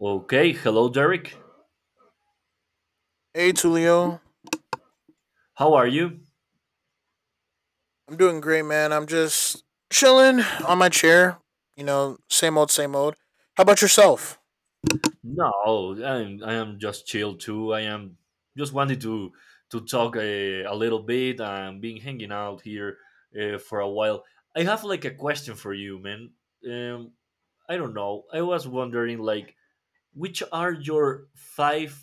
Okay, hello, Derek. Hey Tulio, How are you? I'm doing great, man. I'm just chilling on my chair. You know, same old, same old. How about yourself? No, I am just chill too. I am just wanted to talk a little bit. I'm been hanging out here for a while. I have like a question for you, man. Um, I don't know. I was wondering like which are your five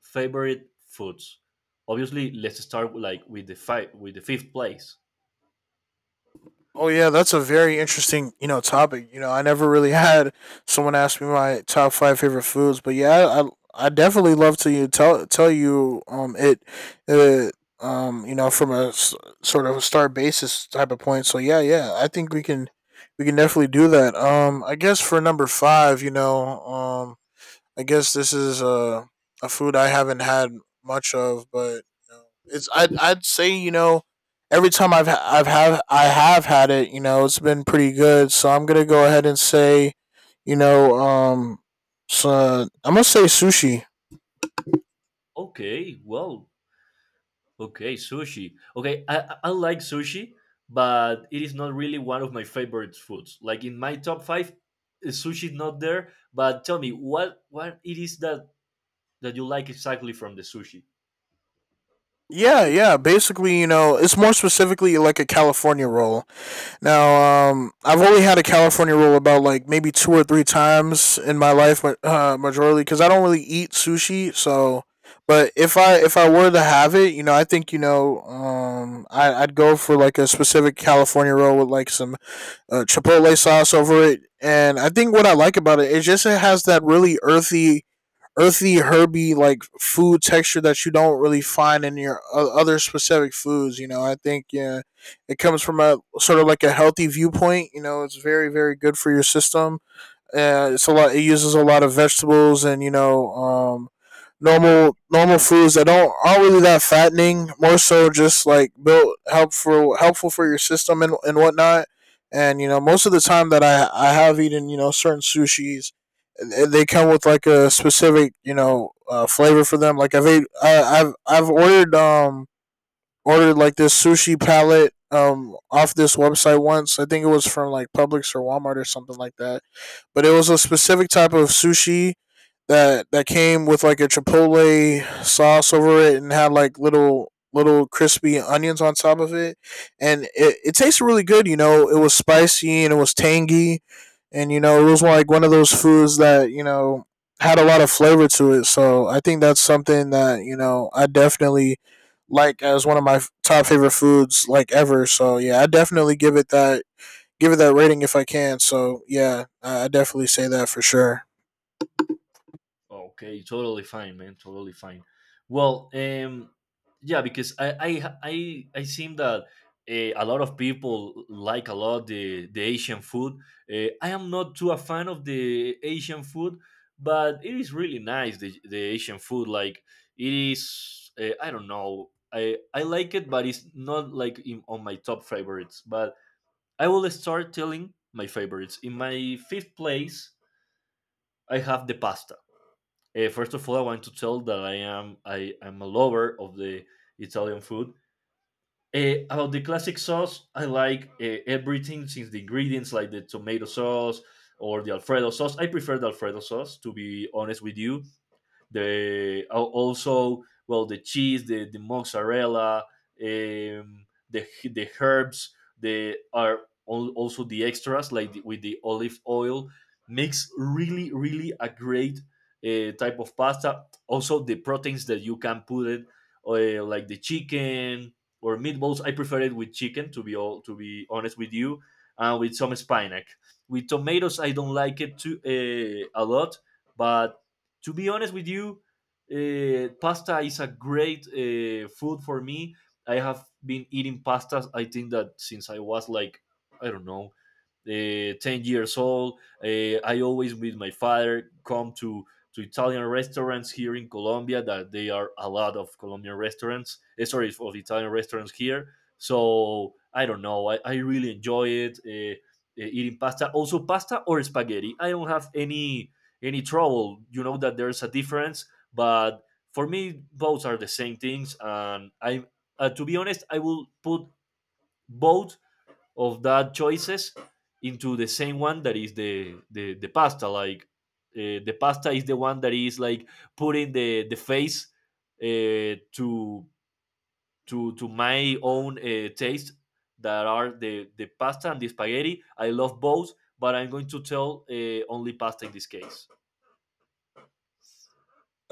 favorite foods? Obviously, let's start like with the five with the fifth place. Oh yeah, that's a very interesting, you know, topic. You know, I never really had someone ask me my top five favorite foods, but yeah, I definitely love to you tell you it it you know from sort of a start basis type of point. So yeah, yeah, I think we can definitely do that. I guess for number five, you know, I guess this is a food I haven't had much of, but you know, it's I'd say you know every time I have had it, you know, it's been pretty good. So I'm gonna go ahead and say, you know, um, so I'm gonna say sushi. Okay, well, Okay, sushi. Okay, I like sushi, but it is not really one of my favorite foods. Like in my top five, sushi is not there. But tell me, what it is that you like exactly from the sushi? Yeah, yeah. Basically, you know, it's more specifically like a California roll. Now, I've only had a California roll about like maybe two or three times in my life, but majorly because I don't really eat sushi. So, but if I were to have it, you know, I think you know, I'd go for like a specific California roll with like some chipotle sauce over it, and I think what I like about it is just it has that really earthy, herby like food texture that you don't really find in your other specific foods. You know, I think yeah, it comes from a sort of like a healthy viewpoint. You know, it's very good for your system. It's a lot. It uses a lot of vegetables, and you know normal foods that don't aren't really that fattening. More so, just like built helpful for your system and whatnot. And you know, most of the time that I have eaten you know certain sushis, they come with like a specific you know flavor for them. Like I've ate, I, I've ordered like this sushi palette off this website once. I think it was from like Publix or Walmart or something like that. But it was a specific type of sushi that came with like a chipotle sauce over it and had like little crispy onions on top of it, and it, it tasted really good. You know, it was spicy and it was tangy, and you know it was like one of those foods that you know had a lot of flavor to it. So I think that's something that you know I definitely like as one of my top favorite foods like ever. So yeah, I definitely give it that rating if I can. So yeah, I definitely say that for sure. Okay, totally fine, man. Totally fine. Well, yeah, because I seem that a lot of people like a lot the Asian food. I am not too a fan of the Asian food, but it is really nice the Asian food. Like it is, I don't know. I like it, but it's not like on my top favorites. But I will start telling my favorites. In my fifth place, I have the pasta first of all, I want to tell that I am a lover of the Italian food. About the classic sauce, I like everything since the ingredients, like the tomato sauce or the Alfredo sauce. I prefer the Alfredo sauce, to be honest with you, the also well the cheese, the mozzarella, the herbs, they are also the extras like with the olive oil makes really really a great type of pasta. Also the proteins that you can put it like the chicken or meatballs. I prefer it with chicken to be all to be honest with you, and with some spinach. With tomatoes, I don't like it too a lot, but to be honest with you, pasta is a great food for me. I have been eating pastas. I think that since I was like I don't know 10 years old. I always, with my father, come to Italian restaurants here in Colombia, that they are a lot of Colombian restaurants, eh, sorry, of Italian restaurants here. So I don't know. I really enjoy it. Eating pasta, also pasta or spaghetti. I don't have any trouble. You know that there's a difference, but for me, both are the same things. And I, to be honest, I will put both of that choices into the same one that is the pasta like the pasta is the one that is like putting the face to to my own taste that are the pasta and the spaghetti. I love both, but I'm going to tell only pasta in this case.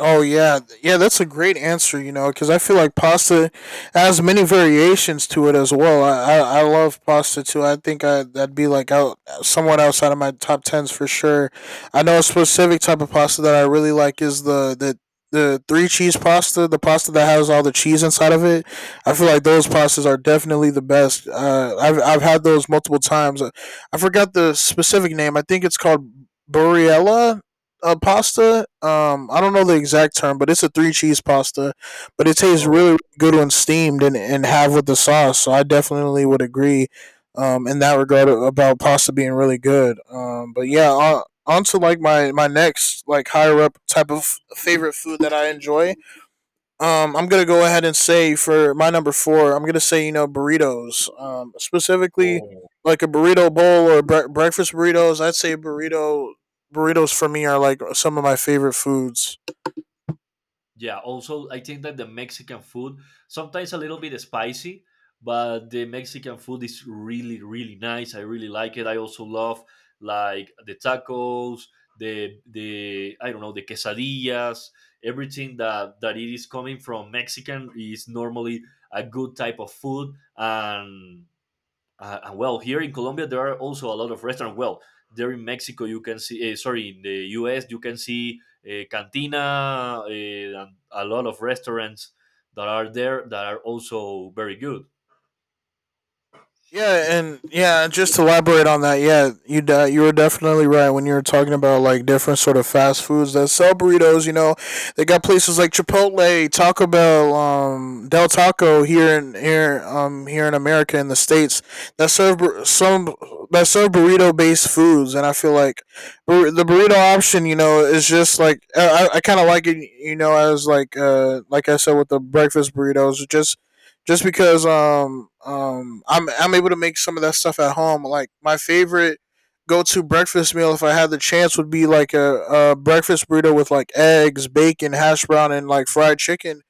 Oh yeah, yeah. That's a great answer. You know, because I feel like pasta has many variations to it as well. I love pasta too. I think I that'd be like out somewhat outside of my top tens for sure. I know a specific type of pasta that I really like is the three cheese pasta, the pasta that has all the cheese inside of it. I feel like those pastas are definitely the best. I've had those multiple times. I forgot the specific name. I think it's called Burriella pasta. I don't know the exact term, but it's a three cheese pasta. But it tastes oh, really good when steamed and have with the sauce. So I definitely would agree in that regard about pasta being really good. But yeah, on to like my next like higher up type of favorite food that I enjoy. I'm gonna go ahead and say for my number four, I'm gonna say you know burritos. Specifically oh. like a burrito bowl or breakfast burritos. I'd say burritos for me are like some of my favorite foods. Yeah, also I think that the Mexican food sometimes a little bit spicy, but the Mexican food is really really nice. I really like it. I also love like the tacos, the I don't know, the quesadillas, everything that it is coming from Mexican is normally a good type of food, and well, here in Colombia there are also a lot of restaurants. Well, there in Mexico you can see, sorry, in the U.S. you can see cantina and a lot of restaurants that are there that are also very good. Yeah, and yeah, just to elaborate on that, yeah, you were definitely right when you were talking about like different sort of fast foods that sell burritos. You know, they got places like Chipotle, Taco Bell, Del Taco here here in America, in the states, that serve bur- some that serve burrito based foods, and I feel like the burrito option, you know, is just like I kind of like it, you know, as like I said with the breakfast burritos, just because I'm able to make some of that stuff at home. Like my favorite go to breakfast meal if I had the chance would be like a breakfast burrito with like eggs, bacon, hash brown and like fried chicken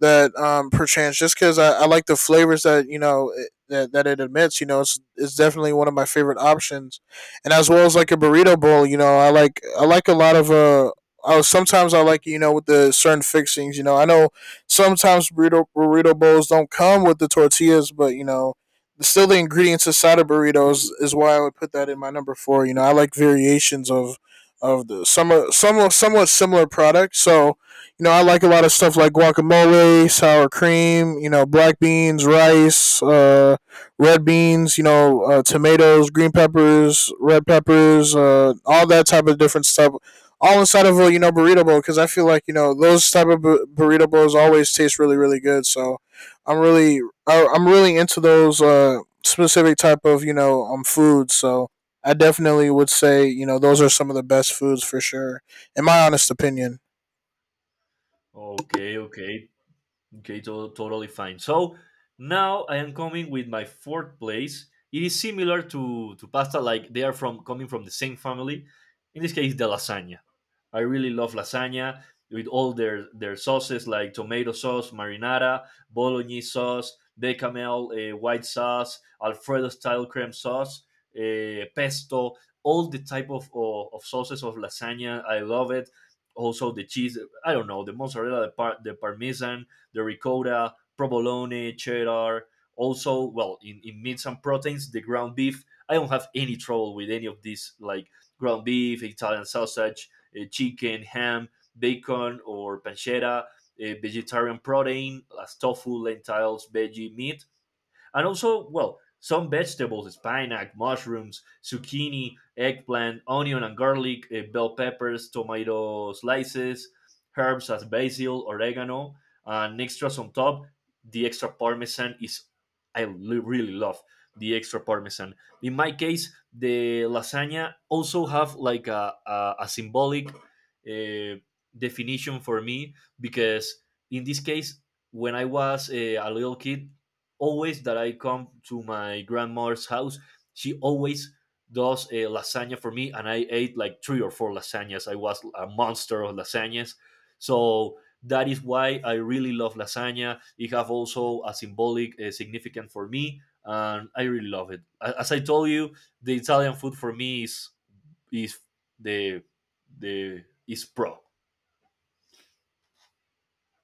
that perchance just because I like the flavors that that, that it admits. You know, it's definitely one of my favorite options, and as well as like a burrito bowl. You know, I like a lot of sometimes I like you know with the certain fixings. You know, I know sometimes burrito bowls don't come with the tortillas, but you know still the ingredients inside of burritos is why I would put that in my number four. You know, I like variations of the somewhat similar products. So you know, I like a lot of stuff like guacamole, sour cream, you know, black beans, rice, red beans, you know, tomatoes, green peppers, red peppers, all that type of different stuff, all inside of a you know burrito bowl, because I feel like you know those type of burrito bowls always taste really good. So I'm really I'm really into those specific type of you know foods. So I definitely would say you know those are some of the best foods for sure, in my honest opinion. Okay, okay, Totally fine. So now I am coming with my fourth place. It is similar to pasta, like they are from coming from the same family. In this case, the lasagna. I really love lasagna with all their sauces like tomato sauce, marinara, bolognese sauce, bechamel white sauce, Alfredo style creme sauce, pesto, all the type of sauces of lasagna. I love it. Also the cheese. I don't know, the mozzarella, the parmesan, the ricotta, provolone, cheddar. Also, well, in meats and proteins, the ground beef. I don't have any trouble with any of these like ground beef, Italian sausage, chicken, ham, bacon, or pancetta, vegetarian protein as tofu, lentils, veggie, meat, and also, well, some vegetables, spinach, mushrooms, zucchini, eggplant, onion and garlic, bell peppers, tomato slices, herbs as basil, oregano, and extras on top. The extra parmesan is, really love the extra parmesan. In my case, the lasagna also have like a symbolic definition for me because in this case, when I was a little kid, always that I come to my grandmother's house, she always does a lasagna for me, and I ate like three or four lasagnas. I was a monster of lasagnas. So that is why I really love lasagna. It have also a symbolic significance for me, and I really love it. As I told you, the Italian food for me is the the is pro.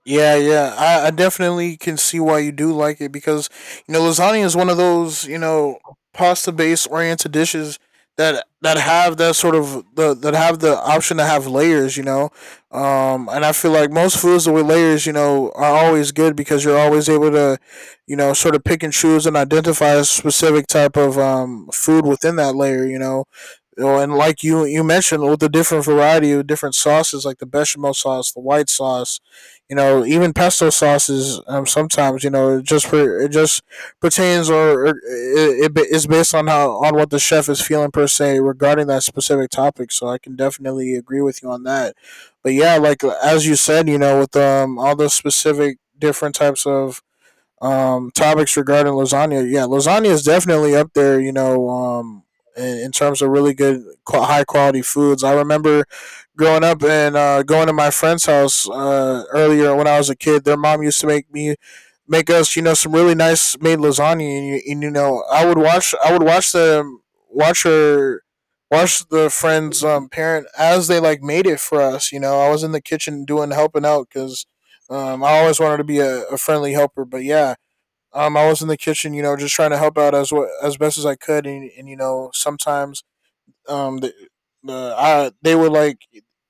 Yeah, yeah. I definitely can see why you do like it because, you know, lasagna is one of those, you know, pasta based oriented dishes that have that have the option to have layers, you know. And I feel like most foods with layers, you know, are always good because you're always able to, you know, sort of pick and choose and identify a specific type of food within that layer, you know. You know, and like you mentioned, with the different variety of different sauces, like the bechamel sauce, the white sauce, you know, even pesto sauces. Sometimes you know, it just pertains or it is it, based on how on what the chef is feeling per se regarding that specific topic. So I can definitely agree with you on that. But yeah, like as you said, you know, with all the specific different types of topics regarding lasagna, yeah, lasagna is definitely up there. You know, in terms of really good, high quality foods. I remember growing up and going to my friend's house earlier when I was a kid. Their mom used to make us, you know, some really nice made lasagna, and you know, I would watch the watch her. Watch the friend's parent as they like made it for us. You know, I was in the kitchen doing helping out because I always wanted to be a friendly helper. But yeah, I was in the kitchen, you know, just trying to help out as well, as best as I could, and you know, sometimes um the, they were like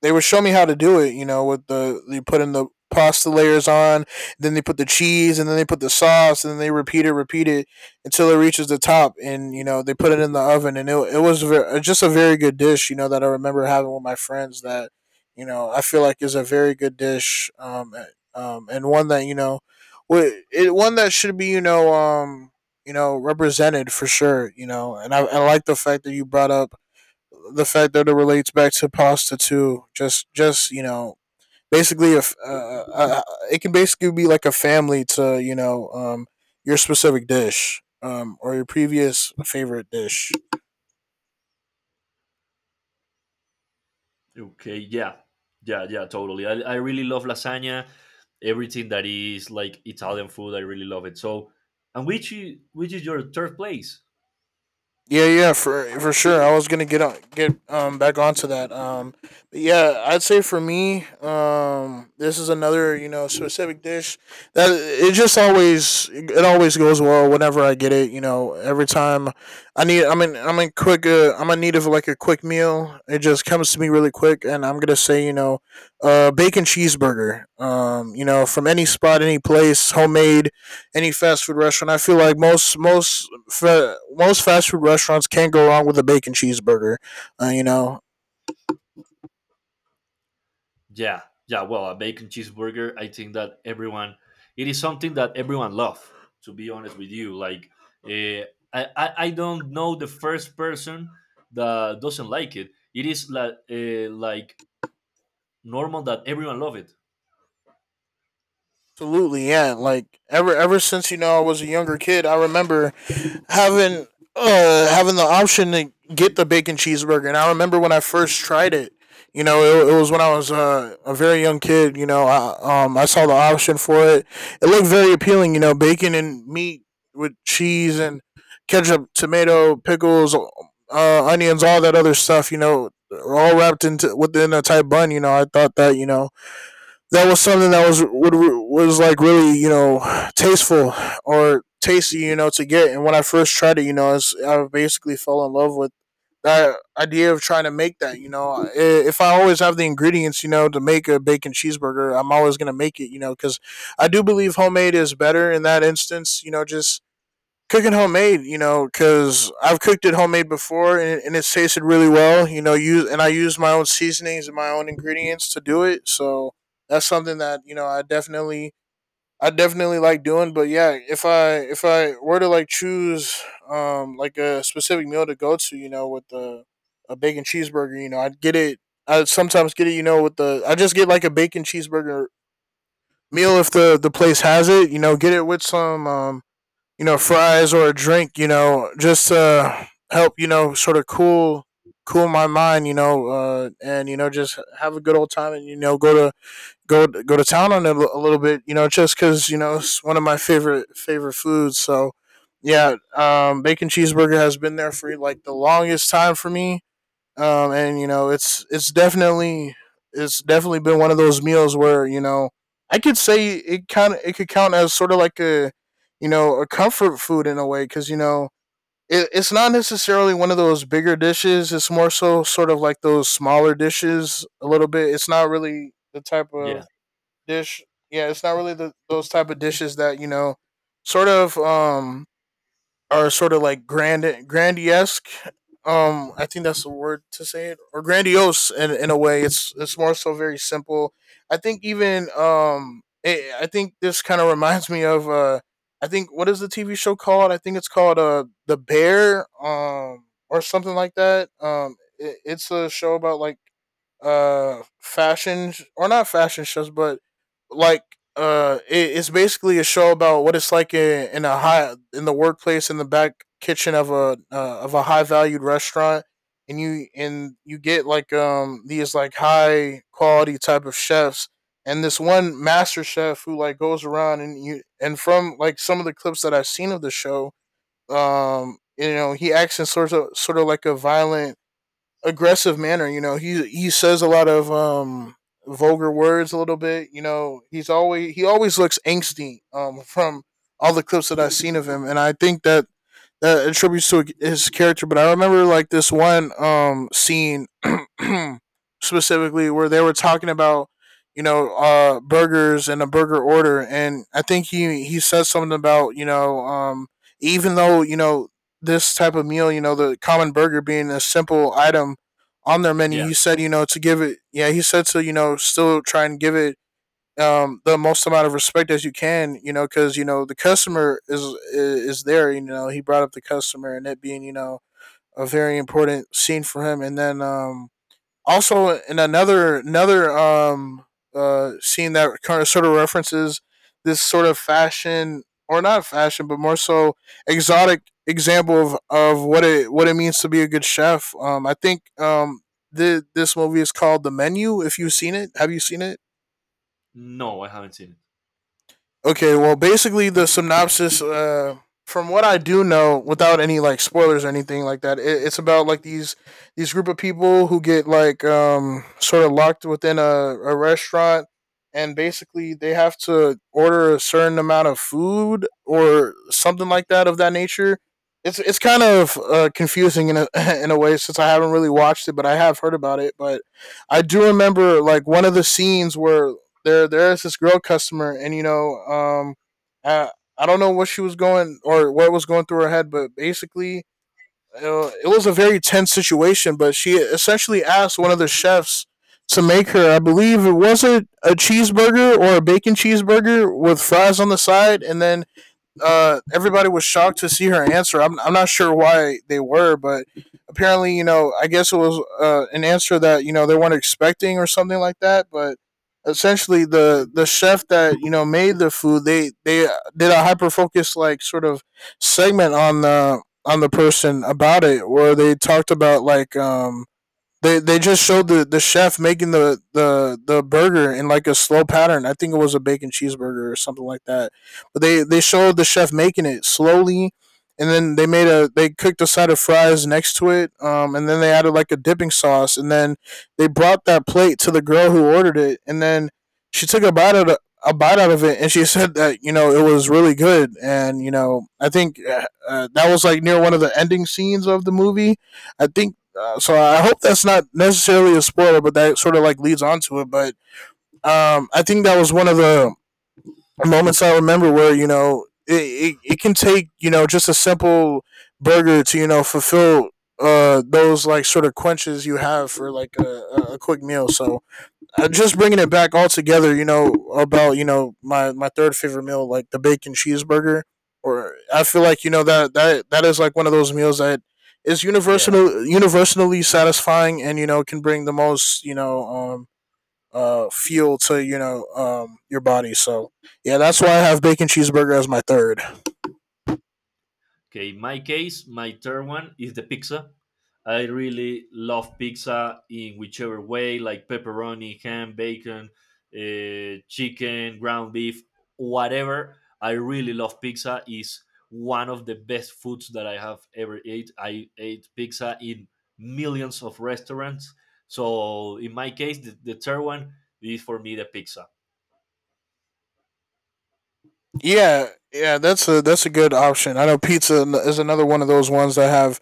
they would show me how to do it. You know, with the you put in the pasta layers on, then they put the cheese, and then they put the sauce, and then they repeat it until it reaches the top, and you know they put it in the oven, and it was just a very good dish. You know that I remember having with my friends that you know I feel like is a very good dish, and one that you know, w- it one that should be you know represented for sure. You know, and I like the fact that you brought up the fact that it relates back to pasta too. Just you know, basically, if uh, it can basically be like a family to you know your specific dish or your previous favorite dish. Okay, yeah, totally. I really love lasagna, everything that is like Italian food. I really love it. So, and which which is your third place? Yeah, yeah, for sure. I was gonna get on, get back onto that. But yeah, I'd say for me, this is another specific dish that it always goes well whenever I get it. You know, every time I mean, I'm in need of like a quick meal. It just comes to me really quick, and I'm gonna say bacon cheeseburger. You know, from any spot, any place, homemade, any fast food restaurant. I feel like most fast food restaurants can't go wrong with a bacon cheeseburger. Uh, you know, Yeah, yeah. Well, a bacon cheeseburger. I think that everyone, it is something that everyone love. To be honest with you, like, uh, I don't know the first person that doesn't like it. It is like normal that everyone love it. Absolutely, yeah. Like ever since I was a younger kid, I remember having having the option to get the bacon cheeseburger. And I remember when I first tried it. You know, it was when I was a very young kid. You know, I saw the option for it. It looked very appealing. You know, bacon and meat with cheese and ketchup, tomato, pickles, onions, all that other stuff. You know, all wrapped into within a tight bun. You know, I thought that that was something that was like really tasteful or tasty to get. And when I first tried it, I basically fell in love with that idea of trying to make that. You know, if I always have the ingredients to make a bacon cheeseburger, I'm always going to make it, you know, because I do believe homemade is better in that instance. You know, just cooking homemade, you know, because I've cooked it homemade before, and it's tasted really well. You know, use and I use my own seasonings and my own ingredients to do it. So that's something that I definitely, I definitely like doing. But yeah, if I were to like choose like a specific meal to go to, you know, with the a bacon cheeseburger, you know, I'd get it. I sometimes get it, you know, with the, I just get like a bacon cheeseburger meal if the place has it. You know, get it with some fries or a drink, you know just help, sort of cool my mind, and, just have a good old time, and, go to, go to town on it a little bit, just because, it's one of my favorite foods. So yeah, bacon cheeseburger has been there for like the longest time for me. And, it's, it's definitely been one of those meals where, I could say it kind of it could count as sort of like a, a comfort food in a way, because, it, it's not necessarily one of those bigger dishes. It's more so sort of like those smaller dishes a little bit. It's not really the type of Yeah, dish. Yeah, it's not really those type of dishes that, sort of are sort of like grandiesque. I think that's the word to say it, or grandiose in a way. It's more so very simple. I think even, I think this kind of reminds me of, I think what is the TV show called? I think it's called, The Bear, or something like that. It's a show about like, fashion, or not fashion shows, but like, it's basically a show about what it's like in a high, in the workplace in the back kitchen of a, of a high valued restaurant. And you get like these like high quality type of chefs, and this one master chef who like goes around. And from like some of the clips that I've seen of the show, you know, he acts in sort of like a violent, aggressive manner. You know, he says a lot of vulgar words a little bit. You know, he always looks angsty, from all the clips that I've seen of him, and I think that that attributes to his character. But I remember like this one scene specifically where they were talking about, burgers and a burger order, and I think he said something about, even though, this type of meal, you know, the common burger being a simple item on their menu. yeah. He said, you know, to give it, yeah, he said to, you know, still try and give it the most amount of respect as you can. You know, because, you know, the customer is there. You know, he brought up the customer, and it being, you know, a very important scene for him. And then, also in another, scene that kind of sort of references this sort of fashion, or not fashion, but more so exotic example of what it, what it means to be a good chef. This movie is called The Menu. If you've seen it, have you seen it? No, I haven't seen it. Okay, well, basically the synopsis, from what I do know, without any like spoilers or anything like that, it, it's about like these group of people who get like, sort of locked within a restaurant, and basically they have to order a certain amount of food or something like that of that nature. It's kind of, confusing in a in a way, since I haven't really watched it, but I have heard about it. But I do remember like one of the scenes where there is this girl customer, and, I, I don't know what she was going, or what was going through her head, but basically, it was a very tense situation. But she essentially asked one of the chefs to make her, I believe it was a cheeseburger or a bacon cheeseburger with fries on the side. And then, everybody was shocked to see her answer. I'm not sure why they were, but apparently, you know, I guess it was, an answer that, you know, they weren't expecting or something like that. But essentially, the chef that, you know, made the food, they did a hyper focus, like, sort of segment on the person about it, where they talked about like, they just showed the chef making the burger in like a slow pattern. I think it was a bacon cheeseburger or something like that. But they showed the chef making it slowly, and then they cooked a side of fries next to it. And then they added like a dipping sauce, and then they brought that plate to the girl who ordered it. And then she took a bite out of it, and she said that, you know, it was really good. And, you know, I think, that was like near one of the ending scenes of the movie, I think. So I hope that's not necessarily a spoiler, but that sort of like leads on to it. But, I think that was one of the moments I remember where, you know, it can take, you know, just a simple burger to, you know, fulfill, those like sort of quenches you have for like a quick meal. So, just bringing it back all together, you know, about, you know, my third favorite meal, like the bacon cheeseburger. Or I feel like, you know, that that is like one of those meals that is Yeah. Universally satisfying, and, you know, can bring the most, fuel to, your body. So yeah, that's why I have bacon cheeseburger as my third. Okay, in my case, my third one is the pizza. I really love pizza in whichever way, like pepperoni, ham, bacon, chicken, ground beef, whatever. I really love pizza. Is one of the best foods that I have ever ate. I ate pizza in millions of restaurants. So in my case, the third one is for me the pizza. Yeah, yeah, that's a, that's a good option. I know pizza is another one of those ones that have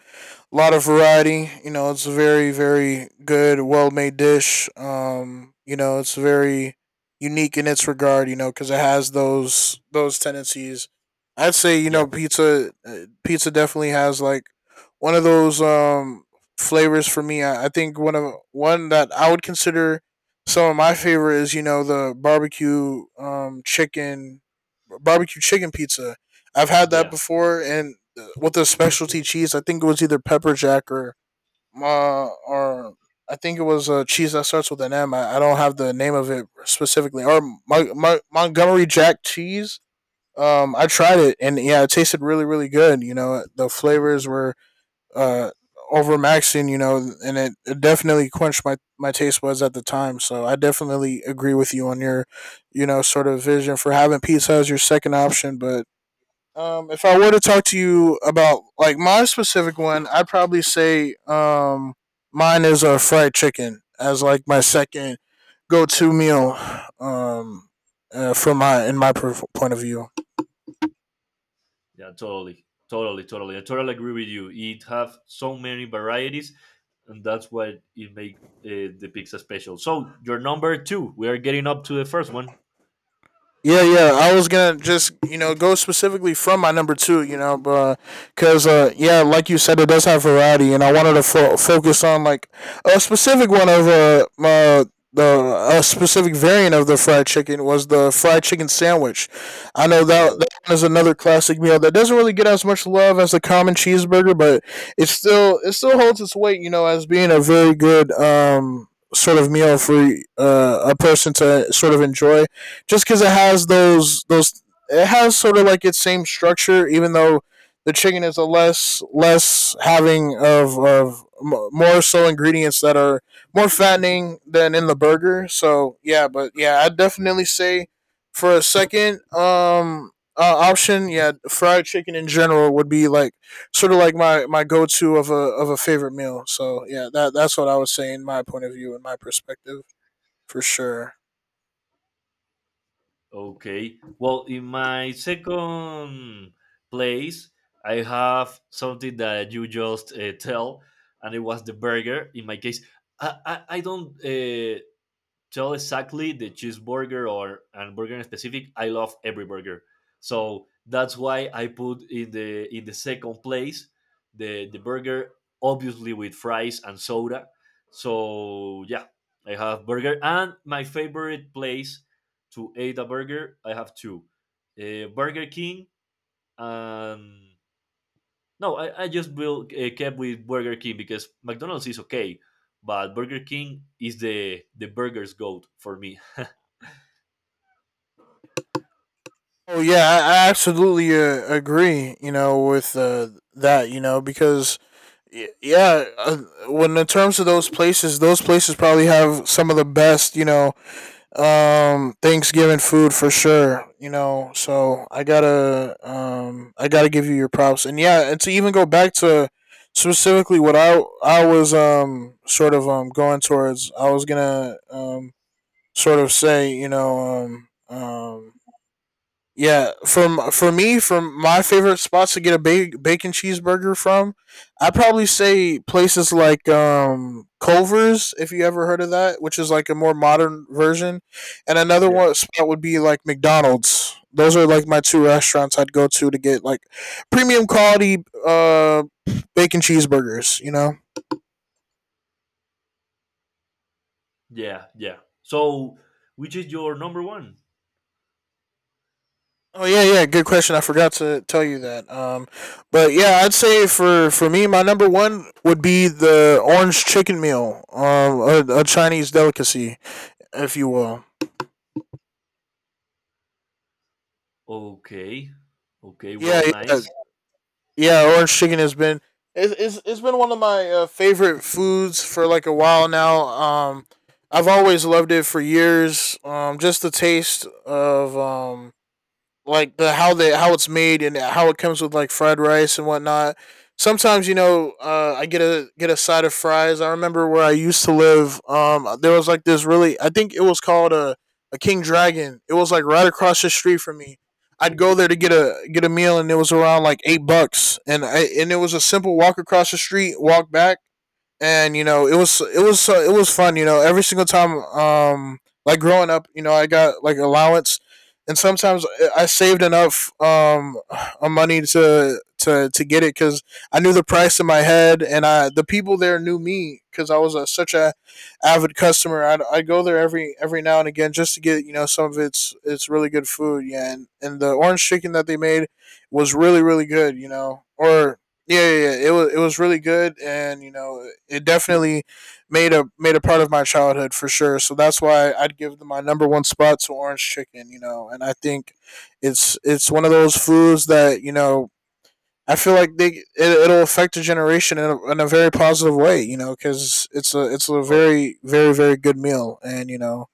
a lot of variety. You know, it's a very, very good, well made dish. You know, it's very unique in its regard. You know, because it has those tendencies. I'd say, you Yeah, know, Pizza definitely has like one of those, flavors for me. I think one that I would consider some of my favorite is, you know, the barbecue chicken pizza. I've had that yeah, before, and with their specialty cheese. I think it was either pepper jack, or I think it was a cheese that starts with an M. I don't have the name of it specifically. Or my Montgomery Jack cheese. I tried it, and yeah, it tasted really good. You know, the flavors were uh overmaxing. You know, and it definitely quenched my taste buds at the time. So I definitely agree with you on your sort of vision for having pizza as your second option, but if I were to talk to you about like my specific one, I'd probably say mine is a fried chicken as like my second go to meal um from my point of view. Totally. I totally agree with you. It have so many varieties, and that's what it make the pizza special. So your number two, we are getting up to the first one. Yeah, yeah. I was gonna just go specifically from my number two, you know, but because yeah, like you said, it does have variety, and I wanted to focus on like a specific one of the a specific variant of the fried chicken was the fried chicken sandwich. I know that Oh. that one is another classic meal that doesn't really get as much love as the common cheeseburger, but it still holds its weight, you know, as being a very good sort of meal for a person to sort of enjoy just because it has those it has sort of like its same structure, even though the chicken is a less having of more so ingredients that are more fattening than in the burger. So yeah, but yeah, I definitely say for a second option, yeah, fried chicken in general would be like sort of like my go to of a favorite meal. So yeah, that's what I would say in my point of view and my perspective for sure. Okay. Well, in my second place, I have something that you just tell, and it was the burger. In my case, I don't tell exactly the cheeseburger or and burger in specific. I love every burger, so that's why I put in the second place the burger, obviously with fries and soda. So yeah, I have burger and my favorite place to eat a burger. I have two, Burger King and no, I just will kept with Burger King because McDonald's is okay, but Burger King is the burger's goat for me. Oh yeah, I absolutely agree. You know, with that, you know, because y- yeah, uh, when in terms of those places probably have some of the best, you know, Thanksgiving food for sure. You know, so I gotta give you your props. And yeah, and to even go back to specifically what I was sort of going towards, I was gonna sort of say, you know, um um yeah, from for me, from my favorite spots to get a bacon cheeseburger from, I probably say places like Culver's, if you ever heard of that, which is like a more modern version, and another Yeah, one spot would be like McDonald's. Those are like my two restaurants I'd go to get like premium quality bacon cheeseburgers. You know. yeah, yeah. So, which is your number one? Oh yeah, yeah. Good question. I forgot to tell you that. But yeah, I'd say for me, my number one would be the orange chicken meal, a Chinese delicacy, if you will. Okay, okay. Yeah, Well, yeah, nice. yeah. Orange chicken has been it's been one of my favorite foods for like a while now. I've always loved it for years. Just the taste of like the how they how it's made and how it comes with like fried rice and whatnot. Sometimes I get a side of fries. I remember where I used to live. There was like this really I think it was called a King Dragon. It was like right across the street from me. I'd go there to get a meal and it was around like 8 bucks... wait and it was a simple walk across the street, walk back, and you know it was fun you know every single time like growing up you know I got like allowance and sometimes saved enough money to get it because I knew the price in my head and I the people there knew me because such a avid customer I go there every now and again just to get you know some of its it's really good food yeah and the orange chicken that they made was really really good you know or yeah, yeah, yeah. It was really good, and you know, it definitely made a made a part of my childhood for sure. So that's why I'd give my number one spot to orange chicken. You know, and I think it's one of those foods that you know I feel like they it'll affect a generation in in a very positive way. You know, because it's a very very very good meal, and you know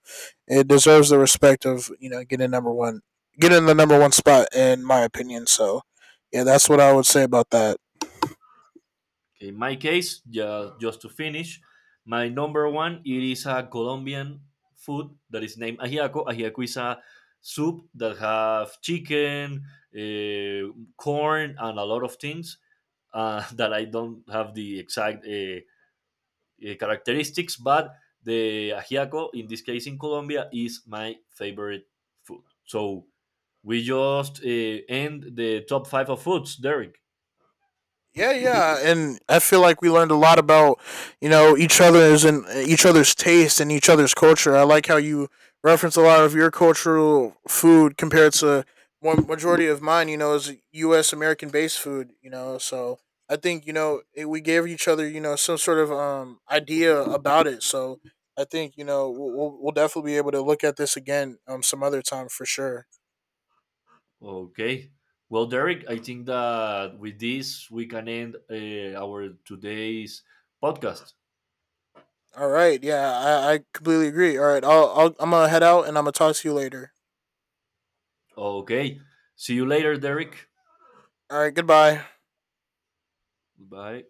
it deserves the respect of you know getting number one, getting the number one spot in my opinion. So, yeah, that's what I would say about that. Okay, in my case, yeah, just to finish, my number one it is a Colombian food that is named ajiaco. Ajiaco is a soup that have chicken, uh, corn, and a lot of things that I don't have the exact characteristics, but the ajiaco in this case in Colombia is my favorite food. So we just end the top five of foods, Derek. Yeah, yeah, and I feel like we learned a lot about you know each other's taste and each other's culture. I like how you reference a lot of your cultural food compared to more majority of mine. You know, is U.S. American based food. You know, so I think you know it, we gave each other you know some sort of idea about it. So I think you know we'll definitely be able to look at this again some other time for sure. Okay. Well, Derek, I think that with this we can end our today's podcast. All right, yeah, I completely agree. All right, I'm gonna head out and I'm gonna talk to you later. Okay. See you later, Derek. All right, goodbye. Bye.